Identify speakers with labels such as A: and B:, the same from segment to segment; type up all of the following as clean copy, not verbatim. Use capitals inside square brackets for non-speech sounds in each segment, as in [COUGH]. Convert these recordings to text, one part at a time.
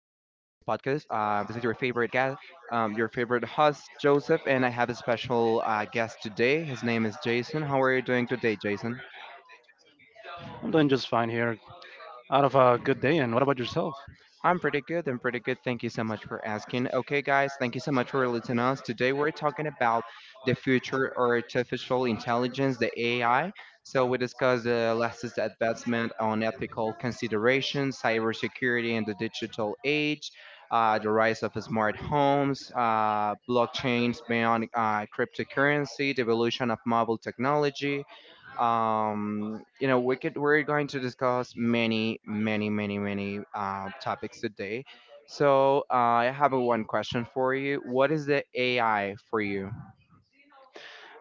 A: This is your favorite guest, your favorite host, Joseph, and I have a special guest today. His name is Jason. How are you doing today, Jason?
B: I'm doing just fine here. Out of a good day, and what about yourself?
A: I'm pretty good. I'm pretty good. Thank you so much for asking. Okay, guys, thank you so much for listening to us. Today we're talking about the future of artificial intelligence, the AI. So we discuss the latest advancement on ethical considerations, cybersecurity in the digital age, the rise of smart homes, blockchains beyond cryptocurrency, the evolution of mobile technology, we could we're going to discuss many many many many topics today. So I have a one question for you. What is the AI for you?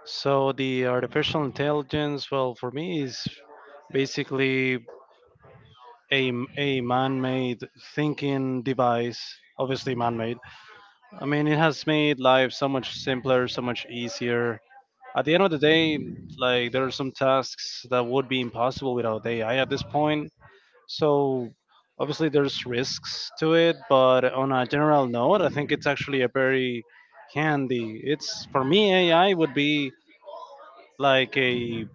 B: So, the artificial intelligence, well, for me, is basically a man made thinking device, obviously man made. I mean, it has made life so much simpler, so much easier. At the end of the day, like, there are some tasks that would be impossible without AI at this point. So obviously there's risks to it, but on a general note, I think it's actually a very handy. It's for me AI would be like a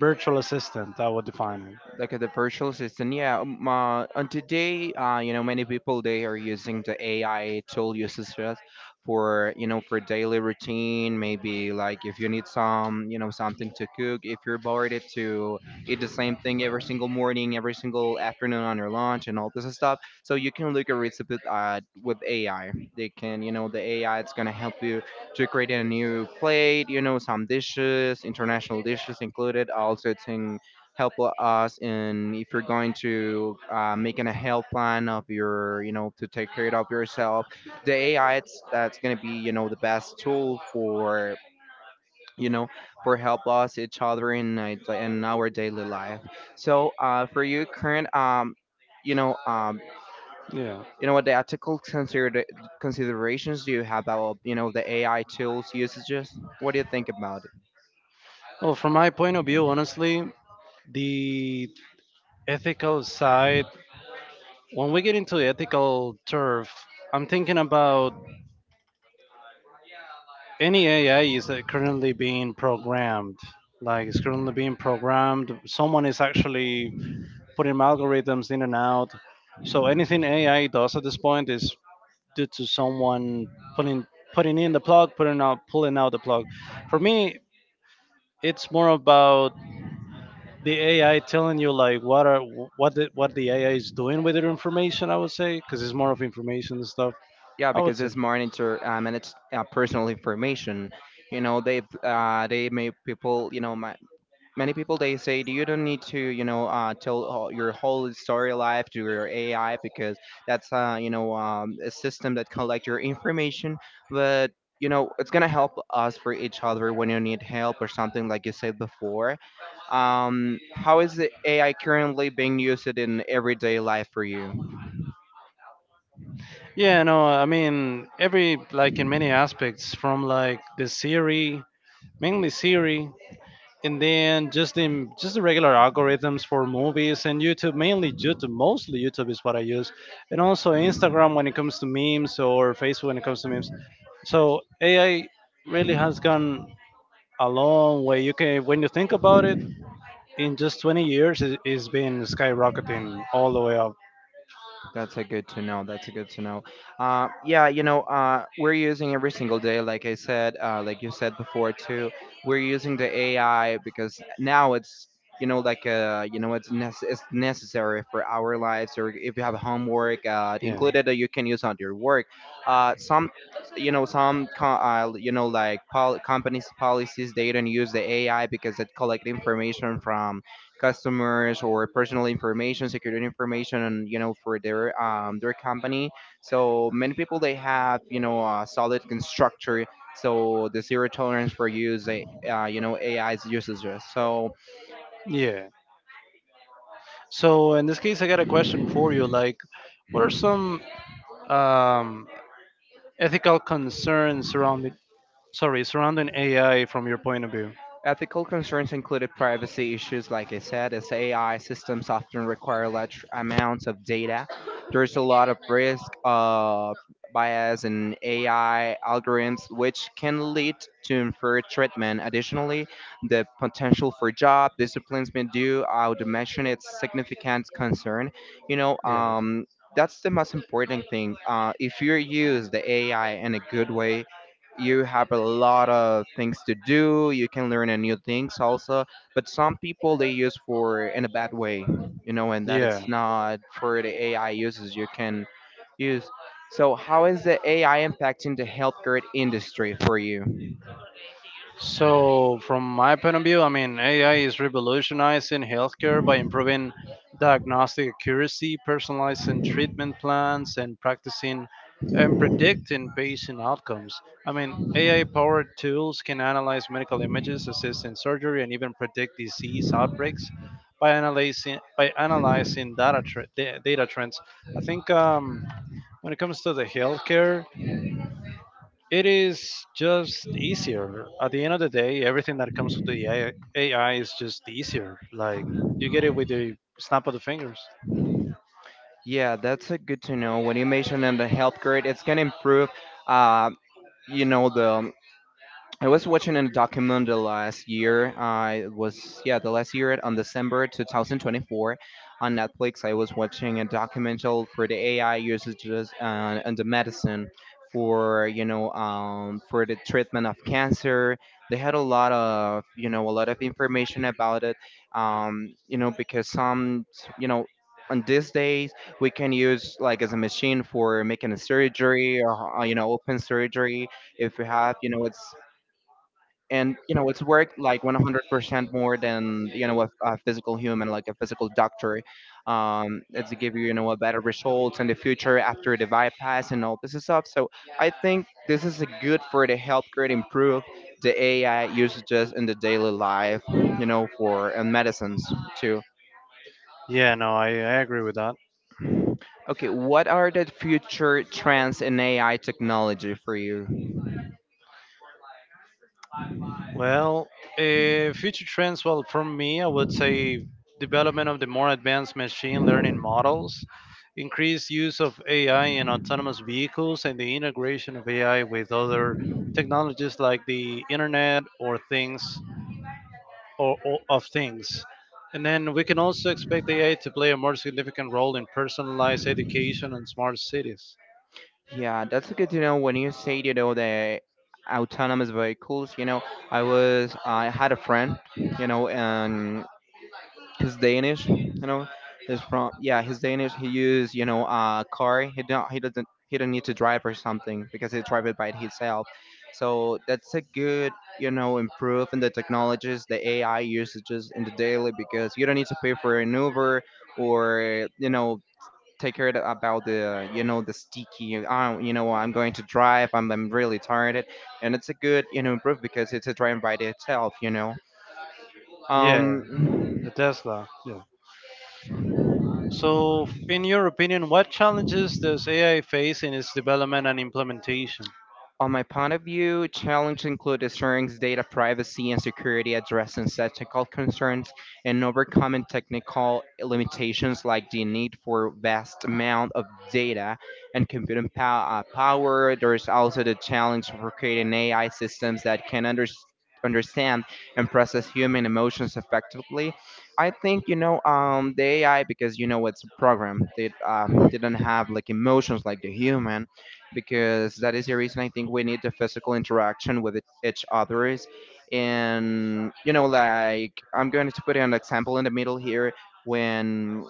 B: virtual assistant. I would define it.
A: Like the virtual assistant, yeah. And today, you know, many people they are using the AI tool uses just for, you know, for daily routine, maybe like if you need some, you know, something to cook if you're bored it to eat the same thing every single morning, every single afternoon on your lunch and all this stuff, so you can look at recipes with AI. They can, you know, the AI it's going to help you to create a new plate, you know, some dishes, international dishes included. Also it's in help us, and if you're going to making a health plan of your, you know, to take care of yourself, the AI it's, that's going to be, you know, the best tool for, you know, for help us each other in night in our daily life. So for you current you know um
B: Yeah.
A: you know what the considerations do you have about, you know, the AI tools usages? What do you think about?
B: Well, from my point of view, honestly, the ethical side. When we get into ethical turf, I'm thinking about any AI is currently being programmed. Like it's currently being programmed. Someone is actually putting algorithms in and out. So anything AI does at this point is due to someone putting putting in the plug, putting out, pulling out the plug. For me, it's more about the AI telling you like what are what the AI is doing with your information. I would say because it's more of information and stuff.
A: Yeah,
B: I would
A: because
B: say.
A: this monitor manage personal information. You know, they make people. You know, ma many people they say you don't need to. You know, tell your whole story life to your AI because that's you know a system that collect your information, but you know it's gonna help us for each other when you need help or something like you said before. How is the AI currently being used in everyday life for you?
B: Yeah, no, I mean every like in many aspects from like the Siri, mainly Siri, and then just the regular algorithms for movies and YouTube, mainly YouTube, mostly YouTube is what I use, and also Instagram when it comes to memes or Facebook when it comes to memes. So AI really has gone a long way. You can when you think about it, in just 20 years, it's been skyrocketing all the way up.
A: That's a good to know. That's a good to know. Yeah, you know, we're using every single day, like I said, like you said before too. We're using the AI because now it's, you know, like you know, it's, it's necessary for our lives. Or if you have homework
B: Yeah.
A: included, that you can use on your work. Some, you know, some, you know, like companies policies they don't use the AI because it collect information from customers or personal information, security information, and you know for their company. So many people they have, you know, a solid structure. So the zero tolerance for use, you know, AI's usages. So
B: So. Yeah. So in this case, I got a question for you. Like, what are some um, ethical concerns surrounding AI from your point of view?
A: ethical concerns included privacy issues, like I said, as AI systems often require large amounts of data. There's a lot of risk of bias in AI algorithms, which can lead to unfair treatment. Additionally, the potential for job disciplines may do. I would mention it's significant concern. You know,
B: Yeah.
A: that's the most important thing. If you use the AI in a good way, you have a lot of things to do. You can learn a new things also, but some people they use for in a bad way, you know, and that
B: Yeah.
A: it's not for the AI users you can use. So how is the AI impacting the healthcare industry for you?
B: So, from my point of view, I mean, AI is revolutionizing healthcare by improving diagnostic accuracy, personalizing treatment plans, and practicing and predicting patient outcomes. I mean, AI powered tools can analyze medical images, assist in surgery, and even predict disease outbreaks by analyzing data trends. I think when it comes to the healthcare, it is just easier. At the end of the day, everything that comes with the AI, is just easier. Like you get it with the snap of the fingers.
A: Yeah, that's a good to know when you mentioned in the healthcare it's going to improve uh, you know the, I was watching a documentary last year. I was, yeah, the last year on December 2024 on Netflix. I was watching a documentary for the AI usages and the medicine for, you know, for the treatment of cancer. They had a lot of, you know, a lot of information about it. You know, because some, you know, on these days we can use like as a machine for making a surgery or you know, open surgery if we have, you know, it's, and you know it's work like 100% more than, you know, a physical human like a physical doctor. It's to give you, you know, a better results in the future after the bypass and all this stuff. So I think this is a good for the healthcare to improve the AI usages in the daily life, you know, for and medicines too.
B: Yeah, no, I agree with that.
A: Okay, what are the future trends in AI technology for you?
B: Well, future trends, well, from me, I would say development of the more advanced machine learning models, increased use of AI in autonomous vehicles, and the integration of AI with other technologies like the internet or things or of things. And then we can also expect AI to play a more significant role in personalized education and smart cities.
A: Yeah, that's good to know when you say, you know, the autonomous vehicles, you know, I was, I had a friend, you know, and he's Danish, you know, he's from, yeah, he's Danish. He used, you know, a car. He don't, he doesn't, he don't need to drive or something because he drive it by himself. So that's a good, you know, improve in the technologies, the AI usages in the daily because you don't need to pay for an Uber or, you know, take care about the, you know, the sticky. Oh, you know, I'm going to drive, I'm really tired, and it's a good, you know, improve because it's a drive by itself, you know.
B: Yeah, the
A: um
B: Tesla. Yeah. So, in your opinion, what challenges does AI face in its development and implementation?
A: On my point of view, challenges include ensuring data privacy and security, addressing ethical concerns, and overcoming technical limitations like the need for vast amount of data and computing power. There is also the challenge for creating AI systems that can understand and process human emotions effectively. I think, you know, the AI, because, you know, it's a program, they don't have like emotions like the human, because that is the reason I think we need the physical interaction with each others. And you know, like I'm going to put an example in the middle here, when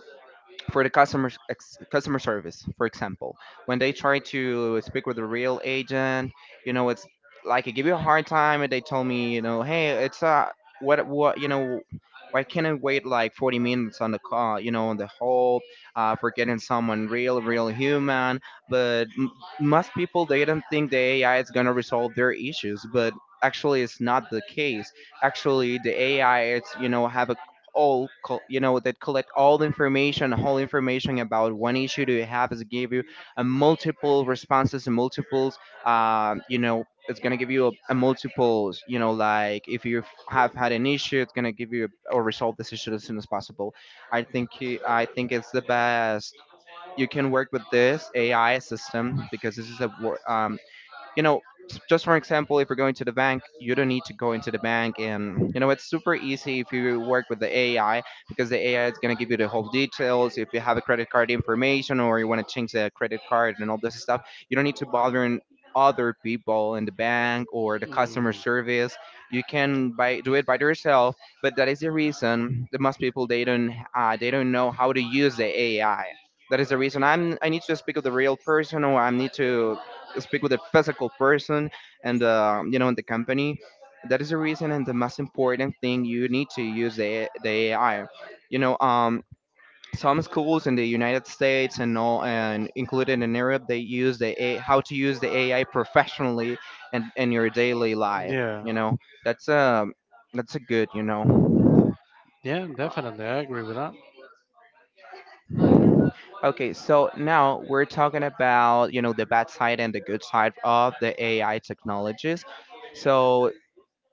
A: for the customer service, for example, when they try to speak with a real agent, you know it's, like I give you a hard time, and they tell me, you know, hey it's what, you know, why can't I wait like 40 minutes on the call, you know, on the hold for getting someone real human. But most people they don't think the AI is gonna resolve their issues, but actually it's not the case. Actually the AI it's, you know, have a you know that collect all the information, whole information about one issue that you have, is give you a multiple responses and multiples, you know, it's gonna give you a multiples, you know, like if you have had an issue it's gonna give you a, or resolve this issue as soon as possible. I think it's the best you can work with this AI system, because this is a you know, just for example, if you're going to the bank you don't need to go into the bank, and you know it's super easy if you work with the AI, because the AI is going to give you the whole details if you have a credit card information or you want to change the credit card and all this stuff. You don't need to bother in other people in the bank or the customer service. You can by do it by yourself. But that is the reason that most people they don't know how to use the AI. That is the reason I'm, I need to speak with the real person, or I need to speak with a physical person and, you know, in the company. That is the reason, and the most important thing, you need to use the AI, you know. Some schools in the United States and all, and included in Europe, they use the a how to use the AI professionally and in your daily life,
B: Yeah.
A: you know. that's um that's a good, you know.
B: Yeah, definitely. I agree with that.
A: Okay, so now we're talking about, you know, the bad side and the good side of the AI technologies. So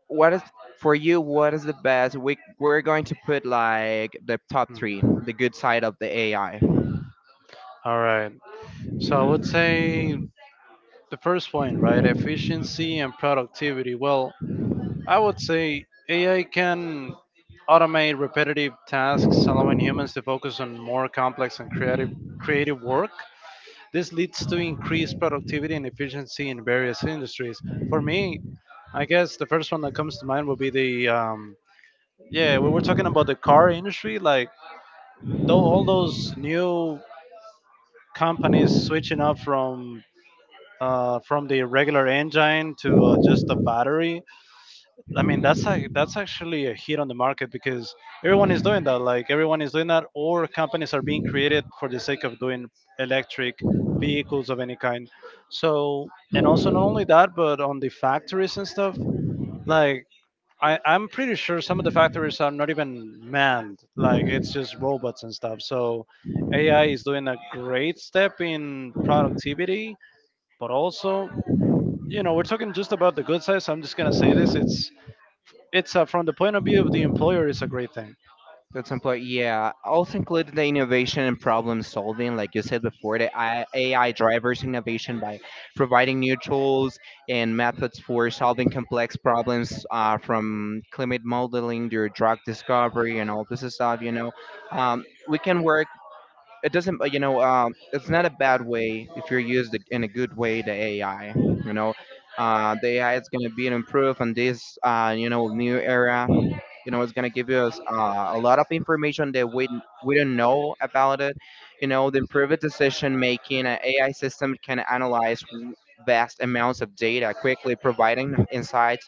A: what is, for you what is the best? We we're going to put like the top
B: Hmm.
A: three the good side of the AI.
B: All right. So I would say the first point, right? Efficiency and productivity. Well, I would say AI can automate repetitive tasks, allowing humans to focus on more complex and creative work. This leads to increased productivity and efficiency in various industries. For me, I guess the first one that comes to mind would be the yeah, we were talking about the car industry, like though all those new companies switching up from the regular engine to just a battery. I mean that's like that's actually a hit on the market because everyone is doing that. Like everyone is doing that, or companies are being created for the sake of doing electric vehicles of any kind. So and also not only that, but on the factories and stuff. Like I'm pretty sure some of the factories are not even manned. Like it's just robots and stuff. So AI is doing a great step in productivity, but also you know we're talking just about the good side. So I'm just gonna say this: it's from the point of view of the employer is a great thing.
A: That's important. Yeah. Also included the innovation and problem solving, like you said before, the AI drivers innovation by providing new tools and methods for solving complex problems from climate modeling to drug discovery and all this stuff. We can work, it doesn't, it's not a bad way if you're used in a good way. The AI, the AI is going to be an improve on this, new era. It's going to give us a lot of information that we don't know about it. The improved decision making, an AI system can analyze vast amounts of data, quickly providing insights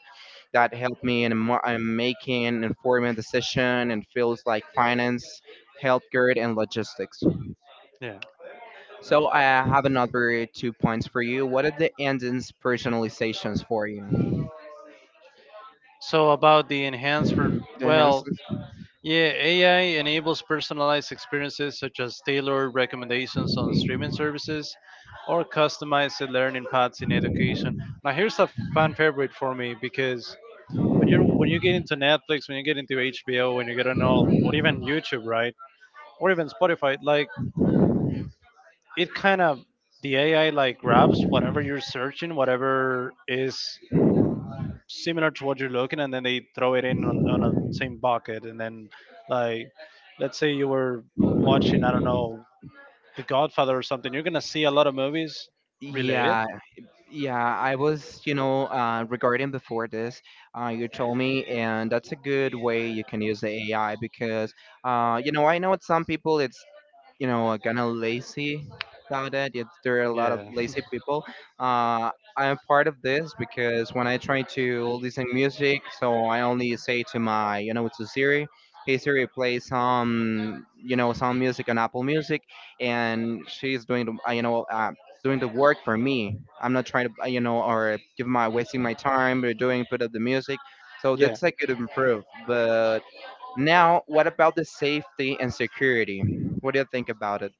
A: that help me in, in making informed decision and fields like finance, healthcare and logistics.
B: Yeah,
A: So I have another two points for you. What are the engines personalizations for you?
B: so about the enhanced per-.
A: The
B: Well,
A: enhancements?
B: yeah, AI enables personalized experiences such as tailored recommendations on streaming services or customized learning paths in education. Now here's a fan favorite for me because when you get into Netflix, when you get into HBO, when you get on all or even YouTube, right, or even Spotify, like it kind of, the AI like grabs whatever you're searching, whatever is similar to what you're looking, and then they throw it in on a same bucket, and then like let's say you were watching, I don't know, The Godfather or something, you're gonna see a lot of movies related.
A: Yeah, yeah. I was, regarding before this, you told me, and that's a good way you can use the AI because, I know with some people it's, kind of lazy about it. It's, there are a lot of
B: Yeah.
A: lazy people. Uh, I'm part of this because when I try to listen music, so I only say to my, to Siri, hey Siri, play some, some music on Apple Music, and she's doing doing the work for me. I'm not trying to, or give my wasting my time or
B: [LAUGHS]
A: doing put up the music. So
B: Yeah.
A: that's I could improve, but now, what about the safety and security? What do you think about it?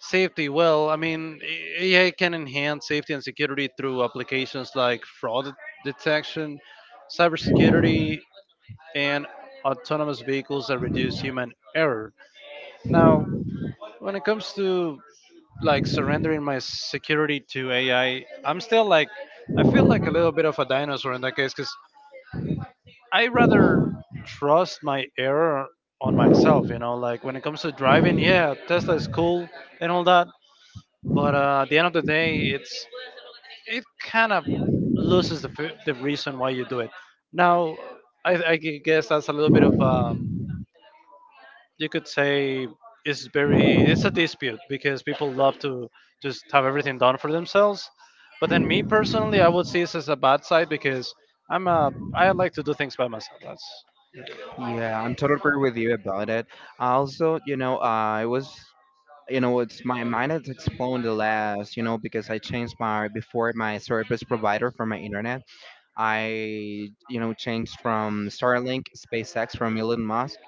B: Safety. Well, I mean, AI can enhance safety and security through applications like fraud detection, cybersecurity, and autonomous vehicles that reduce human error. Now, when it comes to like surrendering my security to AI, I'm still like, I feel like a little bit of a dinosaur in that case because I rather trust my error on myself, you know, like when it comes to driving, yeah, Tesla is cool and all that, but at the end of the day, it's it kind of loses the reason why you do it. Now, guess that's a little bit of you could say it's very it's a dispute because people love to just have everything done for themselves. But then me personally, I would see this as a bad side because I like to do things by myself. That's.
A: Yeah, I'm totally agree with you about it. Also, it was, it's my mind has exploded the last, because I changed my before my service provider for my internet. I changed from Starlink, SpaceX from Elon Musk.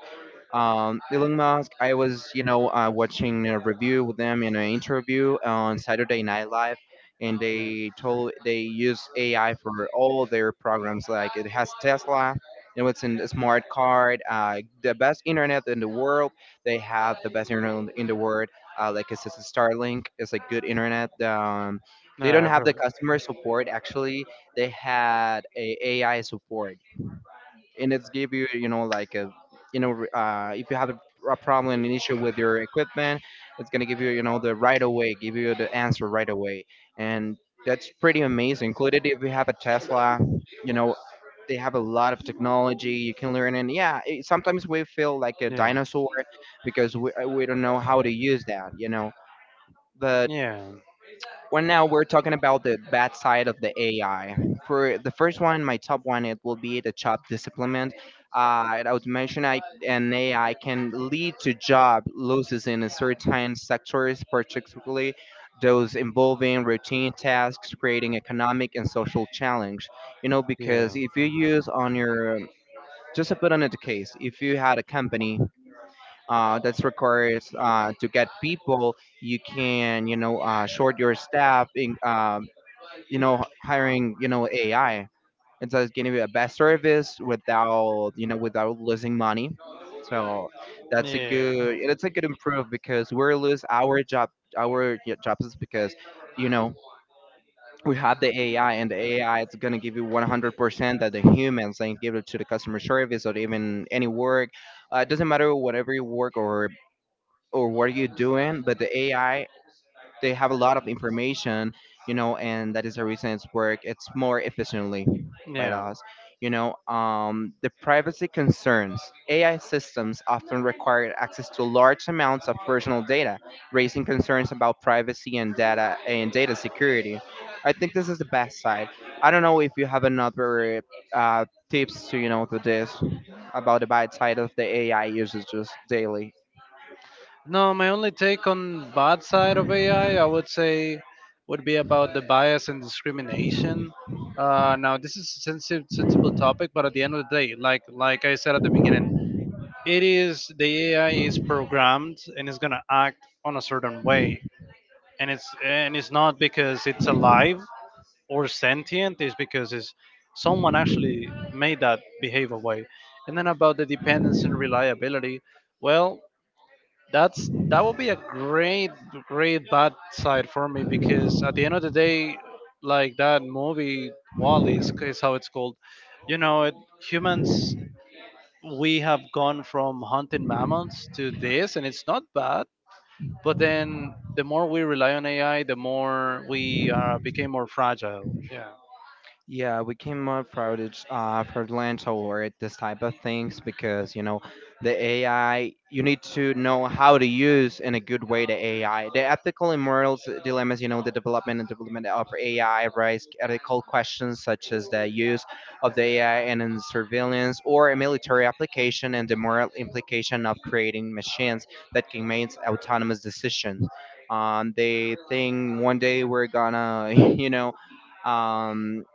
A: Elon Musk, I was, watching a review with them in an interview on Saturday Night Live, and
B: Hmm.
A: they told they use AI for all their programs. Like it has Tesla. It's in a smart card, the best internet in the world. They have the best internet in the world. Like it's just a Starlink, it's a good internet.
B: No,
A: They don't
B: I've
A: have
B: heard.
A: the customer support. Actually, they had a AI support, and it's give you, you know like a, if you have a problem, an issue with your equipment, it's going to give you, you know the right away, give you the answer right away. And that's pretty amazing, included if you have a Tesla. you know they have a lot of technology, you can learn, and yeah, it, sometimes we feel like a
B: Yeah.
A: dinosaur because we don't know how to use that, but
B: Yeah.
A: well, now we're talking about the bad side of the AI. For the first one, my top one, it will be the job displacement. And I would mention an AI can lead to job losses in a certain sectors, particularly those involving routine tasks, creating economic and social challenge. You know, because
B: Yeah.
A: if you use on your, just to put on the case, if you had a company that's requires to get people, you can, short your staff in, hiring, AI. So it's going to be a best service without, without losing money. So that's a
B: Yeah.
A: good, it's a good improve because we're lose our job, our jobs because, you know we have the AI, and the AI it's gonna give you 100% that the humans and give it to the customer service or even any work. It doesn't matter whatever you work or what are you doing, but the AI, they have a lot of information, and that is the reason it's work, it's more efficiently by
B: Yeah.
A: us. The privacy concerns, AI systems often require access to large amounts of personal data, raising concerns about privacy and data security. I think this is the best side. I don't know if you have another, uh, tips to, to this about the bad side of the AI usages daily.
B: No, my only take on bad side of AI, I would say, would be about the bias and discrimination. Now, this is a sensible topic, but at the end of the day, like I said at the beginning, it is the AI is programmed and is gonna act on a certain way, and it's not because it's alive, or sentient, is because is someone actually made that behave a way. And then about the dependence and reliability, well, that would be a great, great bad side for me because at the end of the day, like that movie Wally is how it's called. You know, it, humans we have gone from hunting mammals to this, and it's not bad. But then the more we rely on AI, the more we became more fragile. Yeah.
A: Yeah, we came up proud it's, for Lens Award, this type of things, because, the AI, you need to know how to use in a good way the AI. The ethical and moral dilemmas, you know, the development of AI raise ethical questions, such as the use of the AI and in surveillance or a military application, and the moral implication of creating machines that can make autonomous decisions. They think one day we're gonna, [LAUGHS] um,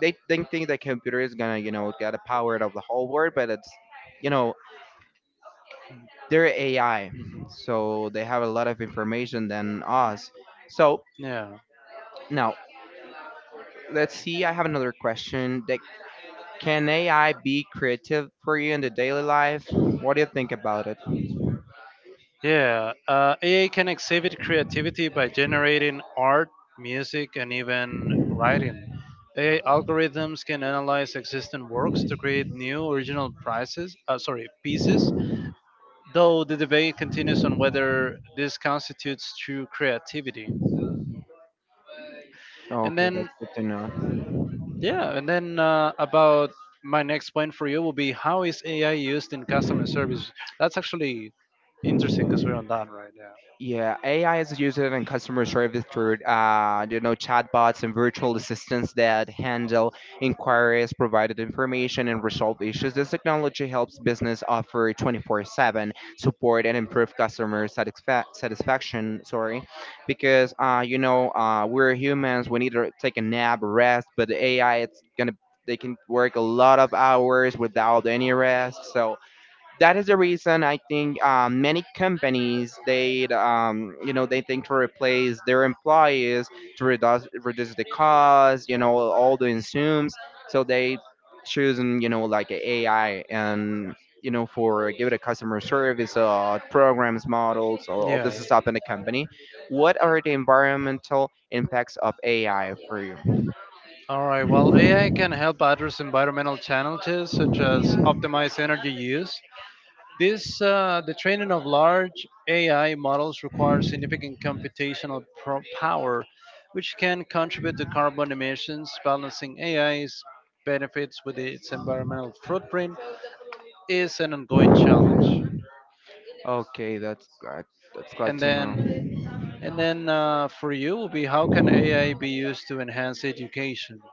A: they think the computer is gonna, get the power of the whole world. But it's, you know they're AI,
B: Mhm.
A: so they have a lot of information than us. So
B: Yeah,
A: now, let's see, I have another question that, can AI be creative for you in the daily life? What do you think about it?
B: yeah. AI can exhibit creativity by generating art, music, and even writing. AI algorithms can analyze existing works to create new original prices, pieces, though the debate continues on whether this constitutes true creativity. And
A: Okay, that's
B: then,
A: good to know.
B: yeah, and then about my next point for you will be how is AI used in customer service? That's actually interesting because we're on that, right?
A: Yeah, AI is used in customer service through, chatbots and virtual assistants that handle inquiries, provide information, and resolve issues. This technology helps business offer 24/7 support and improve satisfaction. Sorry, because we're humans. We need to take a nap, rest. But the AI, it's gonna, they can work a lot of hours without any rest. So that is the reason I think, many companies, they you know they think to replace their employees to reduce the cost, all the insumes. So they choosing, like a AI, and for give it a customer service, programs models or all
B: Yeah.
A: this stuff in the company. What are the environmental impacts of AI for you?
B: All right. Well, AI can help address environmental challenges such as optimize energy use. The training of large AI models requires significant computational pro- power, which can contribute to carbon emissions. Balancing AI's benefits with its environmental footprint is an ongoing challenge.
A: Okay, that's good. That's glad
B: And
A: to know.
B: then, and then for you will be how can AI be used to enhance education?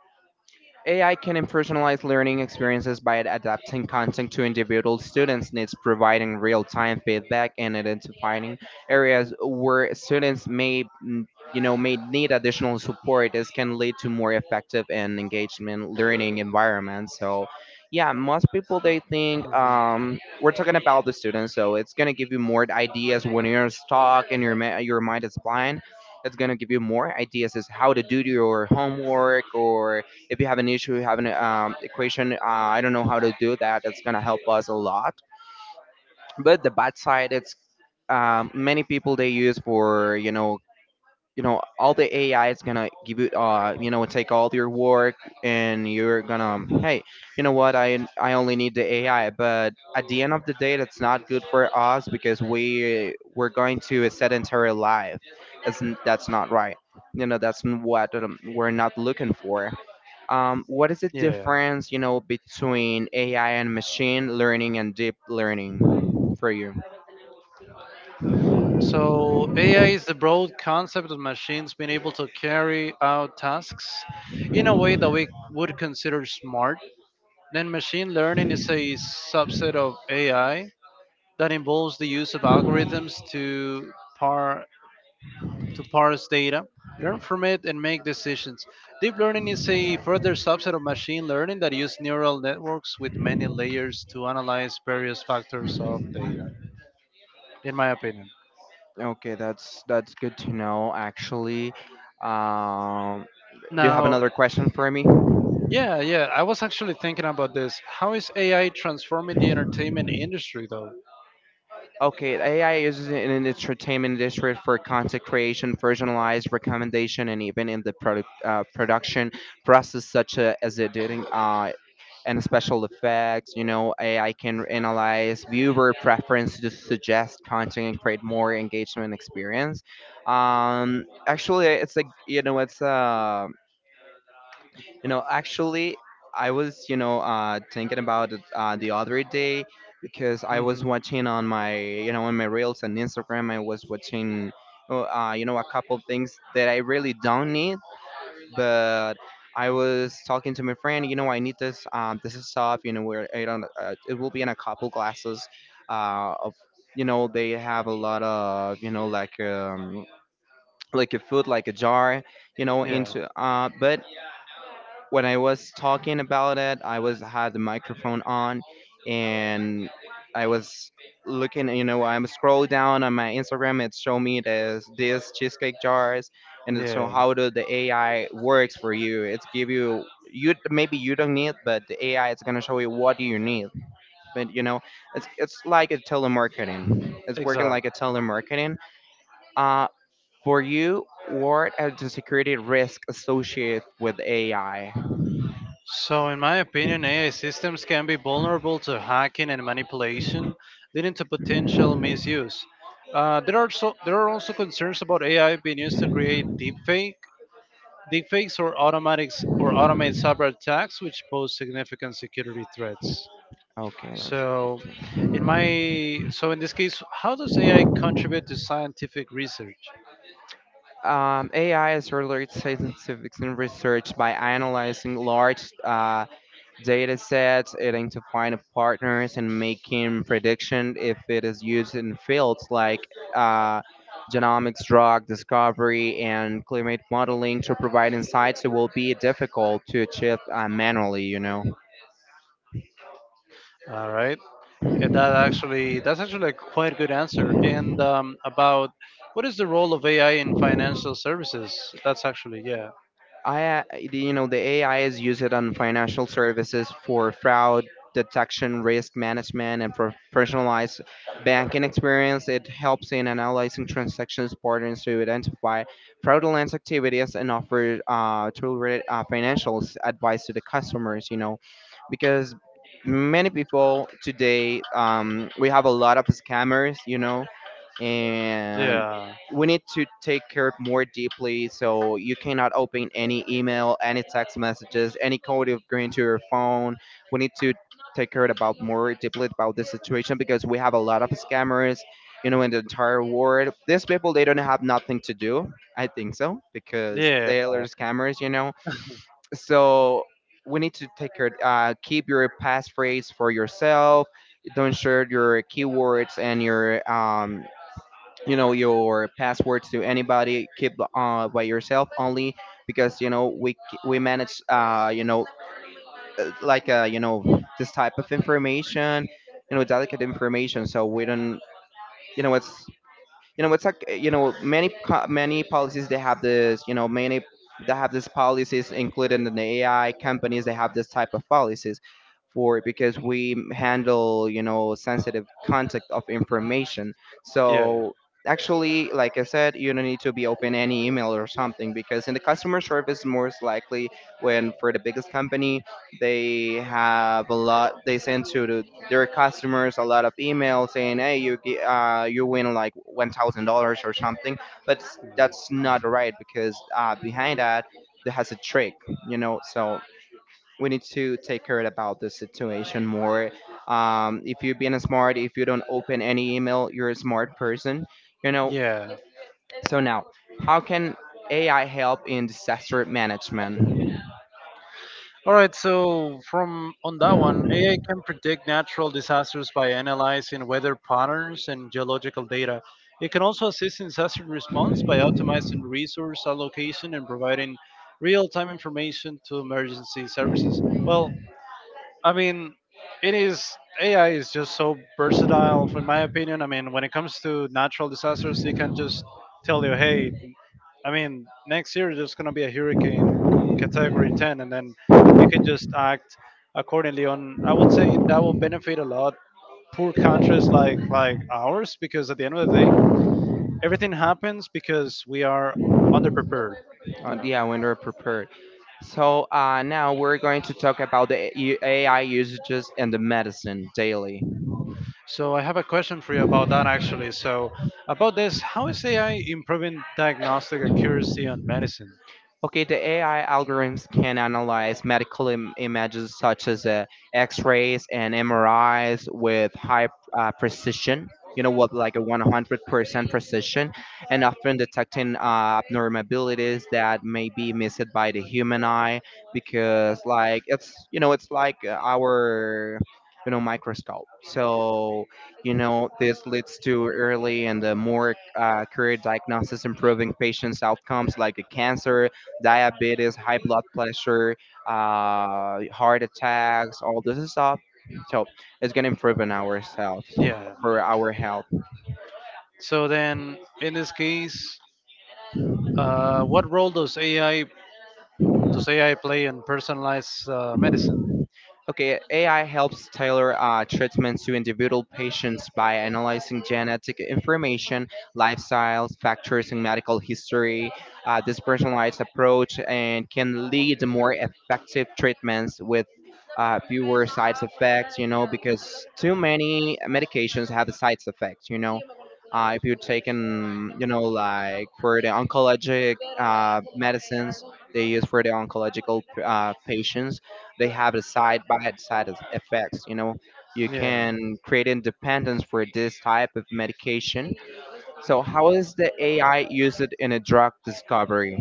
A: AI can personalize learning experiences by adapting content to individual students' needs, providing real time feedback and identifying areas where students may mm, you know may need additional support. This can lead to more effective and engagement learning environments. So yeah, most people they think, we're talking about the students, so it's going to give you more ideas when you're stuck and your, your mind is blind. It's going to give you more ideas as how to do your homework, or if you have an issue, you have an, equation, I don't know how to do that. It's gonna help us a lot. But the bad side, it's, many people they use for, all the AI is gonna give you, you know take all your work, and you're gonna, hey, what I only need the AI. But at the end of the day, that's not good for us because we're going to a sedentary life. That's that's not right. That's what, we're not looking for. What is the
B: Yeah.
A: difference, between AI and machine learning and deep learning for you?
B: So AI is the broad concept of machines being able to carry out tasks in a way that we would consider smart. Then machine learning is a subset of AI that involves the use of algorithms to par to parse data, learn from it, and make decisions. Deep learning is a further subset of machine learning that uses neural networks with many layers to analyze various factors of data, in my opinion.
A: Okay, that's good to know. Actually, um, do you have
B: Now,
A: another question for me?
B: yeah, I was actually thinking about this. How is AI transforming the entertainment industry, though?
A: Okay, AI is in the entertainment industry for content creation, personalized recommendation, and even in the production process, such as editing, and special effects. You know, AI can analyze viewer preference to suggest content and create more engagement experience. Actually, it's like, it's, actually, I was, thinking about it, the other day because I was
B: Hmm.
A: watching on my, on my reels and Instagram. I was watching. You know, a couple things that I really don't need, but I was talking to my friend. You know, I need this. This is stuff. You know, where I don't. It will be in a couple glasses. Of they have a lot of, like, like a food like a jar. You know,
B: Yeah.
A: into, but when I was talking about it, I was had the microphone on, and I was looking. You know, I'm scroll down on my Instagram. It showed me this cheesecake jars, and it show
B: Yeah,
A: how do the AI works for you. It's give you, you maybe you don't need, but the AI is gonna show you what do you need. But you know, it's like a telemarketing. It's working
B: exactly.
A: like a telemarketing. Uh, for you, what are the security risks associated with AI?
B: So, in my opinion, AI systems can be vulnerable to hacking and manipulation, leading to potential misuse. There are there are also concerns about AI being used to create deepfakes, or automatics or automate cyber attacks, which pose significant security threats.
A: Okay, that's
B: So,
A: good.
B: in
A: Then,
B: my so in this case, how does AI contribute to scientific research?
A: AI is related to scientific and research by analyzing large, data sets, identifying partners, and making prediction if it is used in fields like uh, genomics, drug discovery, and climate modeling to provide insights that will be difficult to achieve manually, you know.
B: All right. That actually that's actually a quite good answer. And about what is the role of AI in financial services? That's actually yeah,
A: I the AI is used on financial services for fraud detection, risk management, and for personalized banking experience. It helps in analyzing transactions patterns to identify fraudulent activities and offer tailored financial advice to the customers. You know, because many people today, we have a lot of scammers. You know, and
B: yeah,
A: we need to take care of more deeply, so you cannot open any email, any text messages, any code of going to your phone. We need to take care about more deeply about this situation because we have a lot of scammers, you know, in the entire world. These people, they don't have nothing to do, I think so, because they are scammers, you know. So we need to take care, keep your passphrase for yourself. Don't share your keywords and your your passwords to anybody. Keep by yourself only, because you know we manage, this type of information, you know, delicate information, so we don't, you know it's it's like, many many policies. They have this, you know, many. They have these policies included in the AI companies. They have this type of policies for, because we handle, you know, sensitive contact of information.
B: yeah,
A: So actually, like I said, you don't need to be open any email or something, because in the customer service, most likely when for the biggest company, they have a lot. They send to the, their customers a lot of emails saying, "Hey, you you win like $1,000 or something." But that's not right, because behind that there has a trick, you know. So we need to take care about the situation more. If you're being smart, if you don't open any email, you're a smart person, you know.
B: yeah,
A: So now, how
B: yeah.
A: can AI help in disaster management?
B: All right, so from on that one, AI can predict natural disasters by analyzing weather patterns and geological data. It can also assist in disaster response by optimizing resource allocation and providing real-time information to emergency services. Well, I mean, it is AI is just so versatile, in my opinion. I mean, when it comes to natural disasters, they can just tell you, hey, I mean, next year there's gonna be a hurricane category 10, and then can just act accordingly. On I would say that will benefit a lot poor countries like ours because at the end of the day everything happens because we are underprepared. Yeah.
A: Yeah, when they're prepared. So now we're going to talk about the AI usages in the medicine daily.
B: So I have a question for you about that actually. So about this, how is AI improving diagnostic accuracy on medicine?
A: Okay, the AI algorithms can analyze medical images such as, X-rays and MRIs with high, precision. You know what, like a 100% precision, and often detecting abnormalities that may be missed by the human eye, because, like, it's like, our, you know, microscope. So you know, this leads to early and more accurate diagnosis, improving patients' outcomes, like a cancer, diabetes, high blood pressure, heart attacks, all this stuff. So it's gonna improve on ourselves
B: Yeah,
A: for our health.
B: so then in this case what role does AI play in personalized medicine?
A: Okay, AI helps tailor treatments to individual patients by analyzing genetic information, lifestyles, factors, and medical history. This personalized approach and can lead to more effective treatments with fewer side effects. You know, because too many medications have side effects. You know, if you're taking, you know, like for the oncologic medicines they use for the oncological patients, they have the side by side effects, you know. You
B: Yeah.
A: can create independence for this type of medication. So how is the AI used in a drug discovery?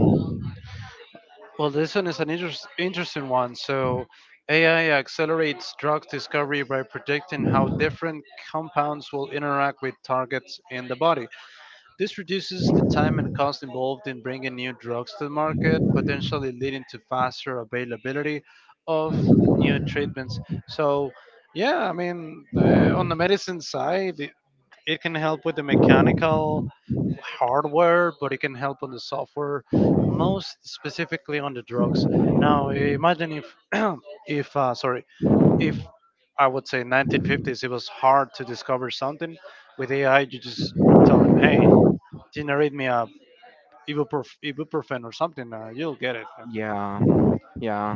B: Well, this one is an interesting one. So, AI accelerates drug discovery by predicting how different compounds will interact with targets in the body. This reduces the time and cost involved in bringing new drugs to the market, potentially leading to faster availability of new treatments. So, yeah, I mean, on the medicine side, it can help with the mechanical hardware, but it can help on the software, most specifically on the drugs. Now, imagine if, [CLEARS THROAT] if uh, sorry, if I would say 1950s, it was hard to discover something. With AI, you just tell them, hey, generate me a ibuprofen or something, you'll get it.
A: Yeah, yeah.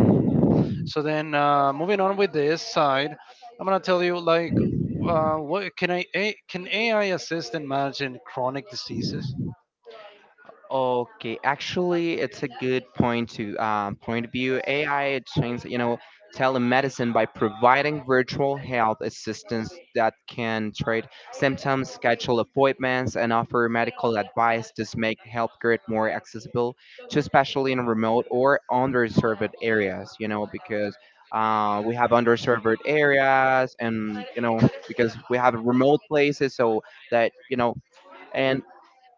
B: So then, moving on with this side, I'm gonna tell you like, what can I a, can AI assist in managing chronic diseases?
A: Okay, actually, it's a good point to, point of view. AI changed, you know, telemedicine by providing virtual health assistance that can treat symptoms, schedule appointments, and offer medical advice to make healthcare more accessible to, especially in remote or underserved areas. You know, because we have underserved areas, and you know, because we have remote places, so that you know. And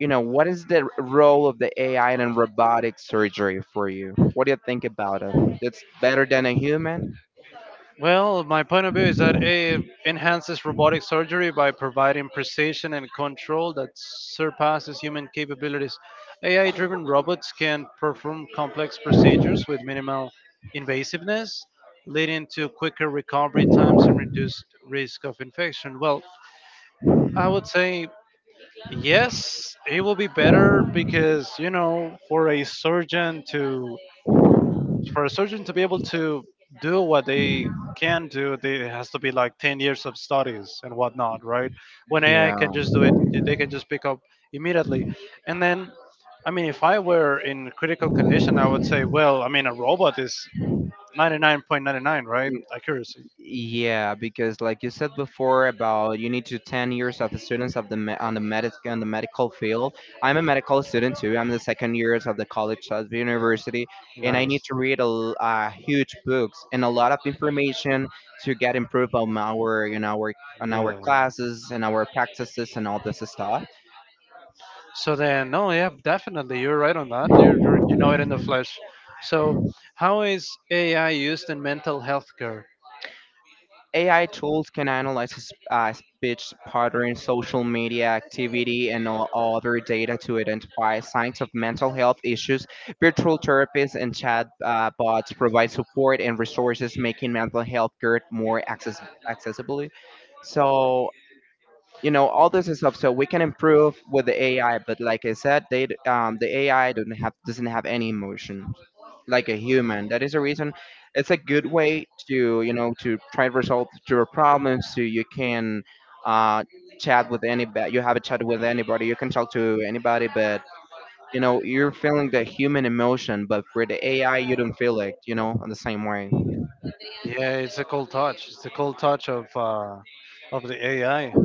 A: you know, what is the role of the AI in robotic surgery for you? What do you think about it? It's better than a human?
B: Well, my point of view is that it enhances robotic surgery by providing precision and control that surpasses human capabilities. AI driven robots can perform complex procedures with minimal invasiveness, leading to quicker recovery times and reduced risk of infection. Well, I would say yes, it will be better because, you know, for a surgeon to be able to do what they can do, they, it has to be like 10 years of studies and whatnot, right? When AI
A: Yeah,
B: can just do it, they can just pick up immediately. And then, I mean, if I were in critical condition, I would say, well, I mean, a robot is 99.99, right?
A: n-
B: Accuracy.
A: yeah, because like you said before, about you need to 10 years of the students of the on the medic on the medical field. I'm a medical student too. I'm the second years of the college of the university, and I
B: Nice.
A: need to read a, huge books and a lot of information to get improved on our, you know, our, on our
B: Yeah.
A: classes and our practices and all this stuff.
B: So then, no, yeah, definitely, you're right on that. You know it in the flesh. So, how is AI used in mental health care?
A: AI tools can analyze speech patterns, social media activity, and all other data to identify signs of mental health issues. Virtual therapists and chat bots provide support and resources, making mental health care more accessible. So you know, all this is stuff, so we can improve with the AI, but like I said, they d- the ai don't have doesn't have any emotions like a human. That is a reason. It's a good way to, you know, to try to resolve your problems, so you can, uh chat with anybody. You have a chat with anybody, you can talk to anybody, but you know, you're feeling the human emotion, but for the AI, you don't feel it, you know, in the same way.
B: Yeah, it's a cool touch. It's a cool touch of the AI.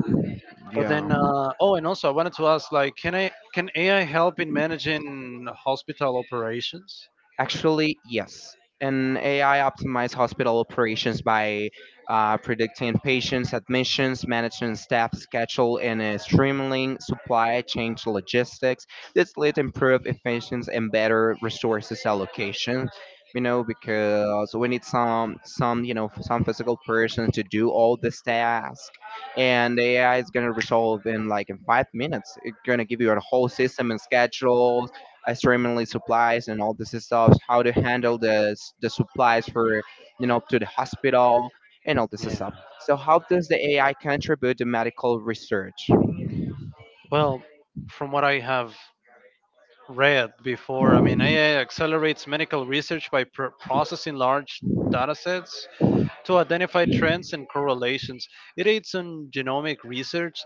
B: But
A: Yeah.
B: then, and also I wanted to ask, like, can AI help in managing hospital operations?
A: Actually, yes. An AI optimized hospital operations by predicting patients' admissions, managing staff schedule, and streamlining supply chain logistics. This led to improved efficiency and better resources allocation. You know, because we need some, you know, some physical person to do all this task, and the AI is gonna resolve in like in 5 minutes. It's gonna give you a whole system and schedule extremely supplies and all this stuff, how to handle the the supplies for, you know, to the hospital and all this
B: Yeah.
A: stuff. So how does the AI contribute to medical research?
B: Well, from what I have read before, I mean, AI accelerates medical research by pr- processing large data sets to identify trends and correlations. It aids in genomic research,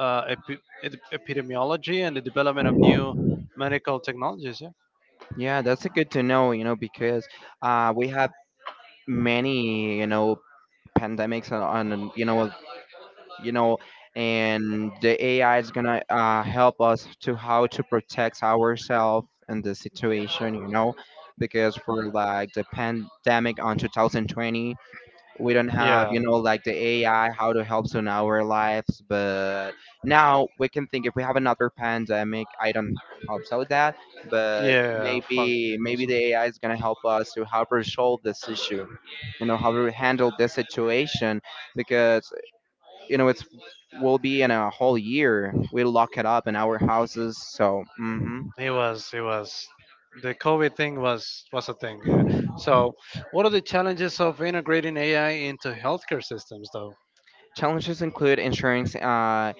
B: epidemiology, and the development of new medical technologies. Yeah.
A: Yeah, that's a good to know, you know, because we have many, you know, pandemics on and, you know, and the AI is gonna help us to how to protect ourselves in the situation, you know, because for like the pandemic on 2020, we don't have
B: Yeah.
A: you know like the AI how to help in our lives. But now we can think, if we have another pandemic, I don't hope so that, but
B: Yeah. Fuck.
A: maybe
B: Also.
A: the AI is going to help us to how to solve this issue, you know, how to handle this situation, because you know it's will be in a whole year we lock it up in our houses. So mhm.
B: It was. It was. The COVID thing was a thing. Yeah. So, what are the challenges of integrating AI into healthcare systems, though?
A: Challenges include ensuring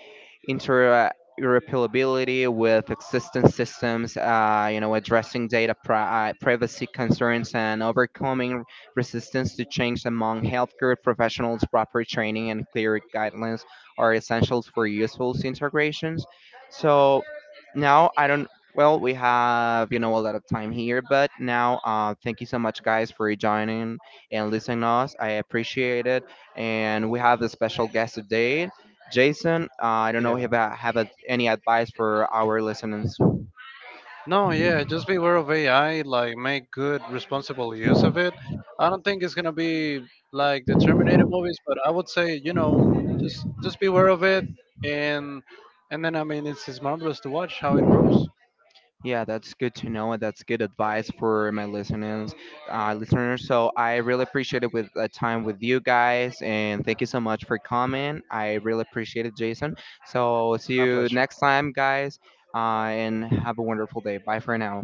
A: interoperability with existing systems, you know, addressing data privacy concerns, and overcoming resistance to change among healthcare professionals. Proper training and clear guidelines are essentials for useful integrations. So now I don't. Well, we have, you know, a lot of time here, but now, thank you so much, guys, for joining and listening to us. I appreciate it, and we have a special guest today. Jason, I don't know
B: Yeah.
A: if I have a, any advice for our listeners.
B: No, yeah, just be aware of AI, like make good, responsible use of it. I don't think it's gonna be like the Terminator movies, but I would say, you know, just be aware of it and and then I mean it's marvelous to watch how it grows.
A: Yeah, that's good to know, and that's good advice for my listeners, listeners. So I really appreciate it with the time with you guys, and thank you so much for coming. I really appreciate it, Jason. So see
B: My
A: you
B: pleasure.
A: next time, guys, uh, and have a wonderful day. Bye for now.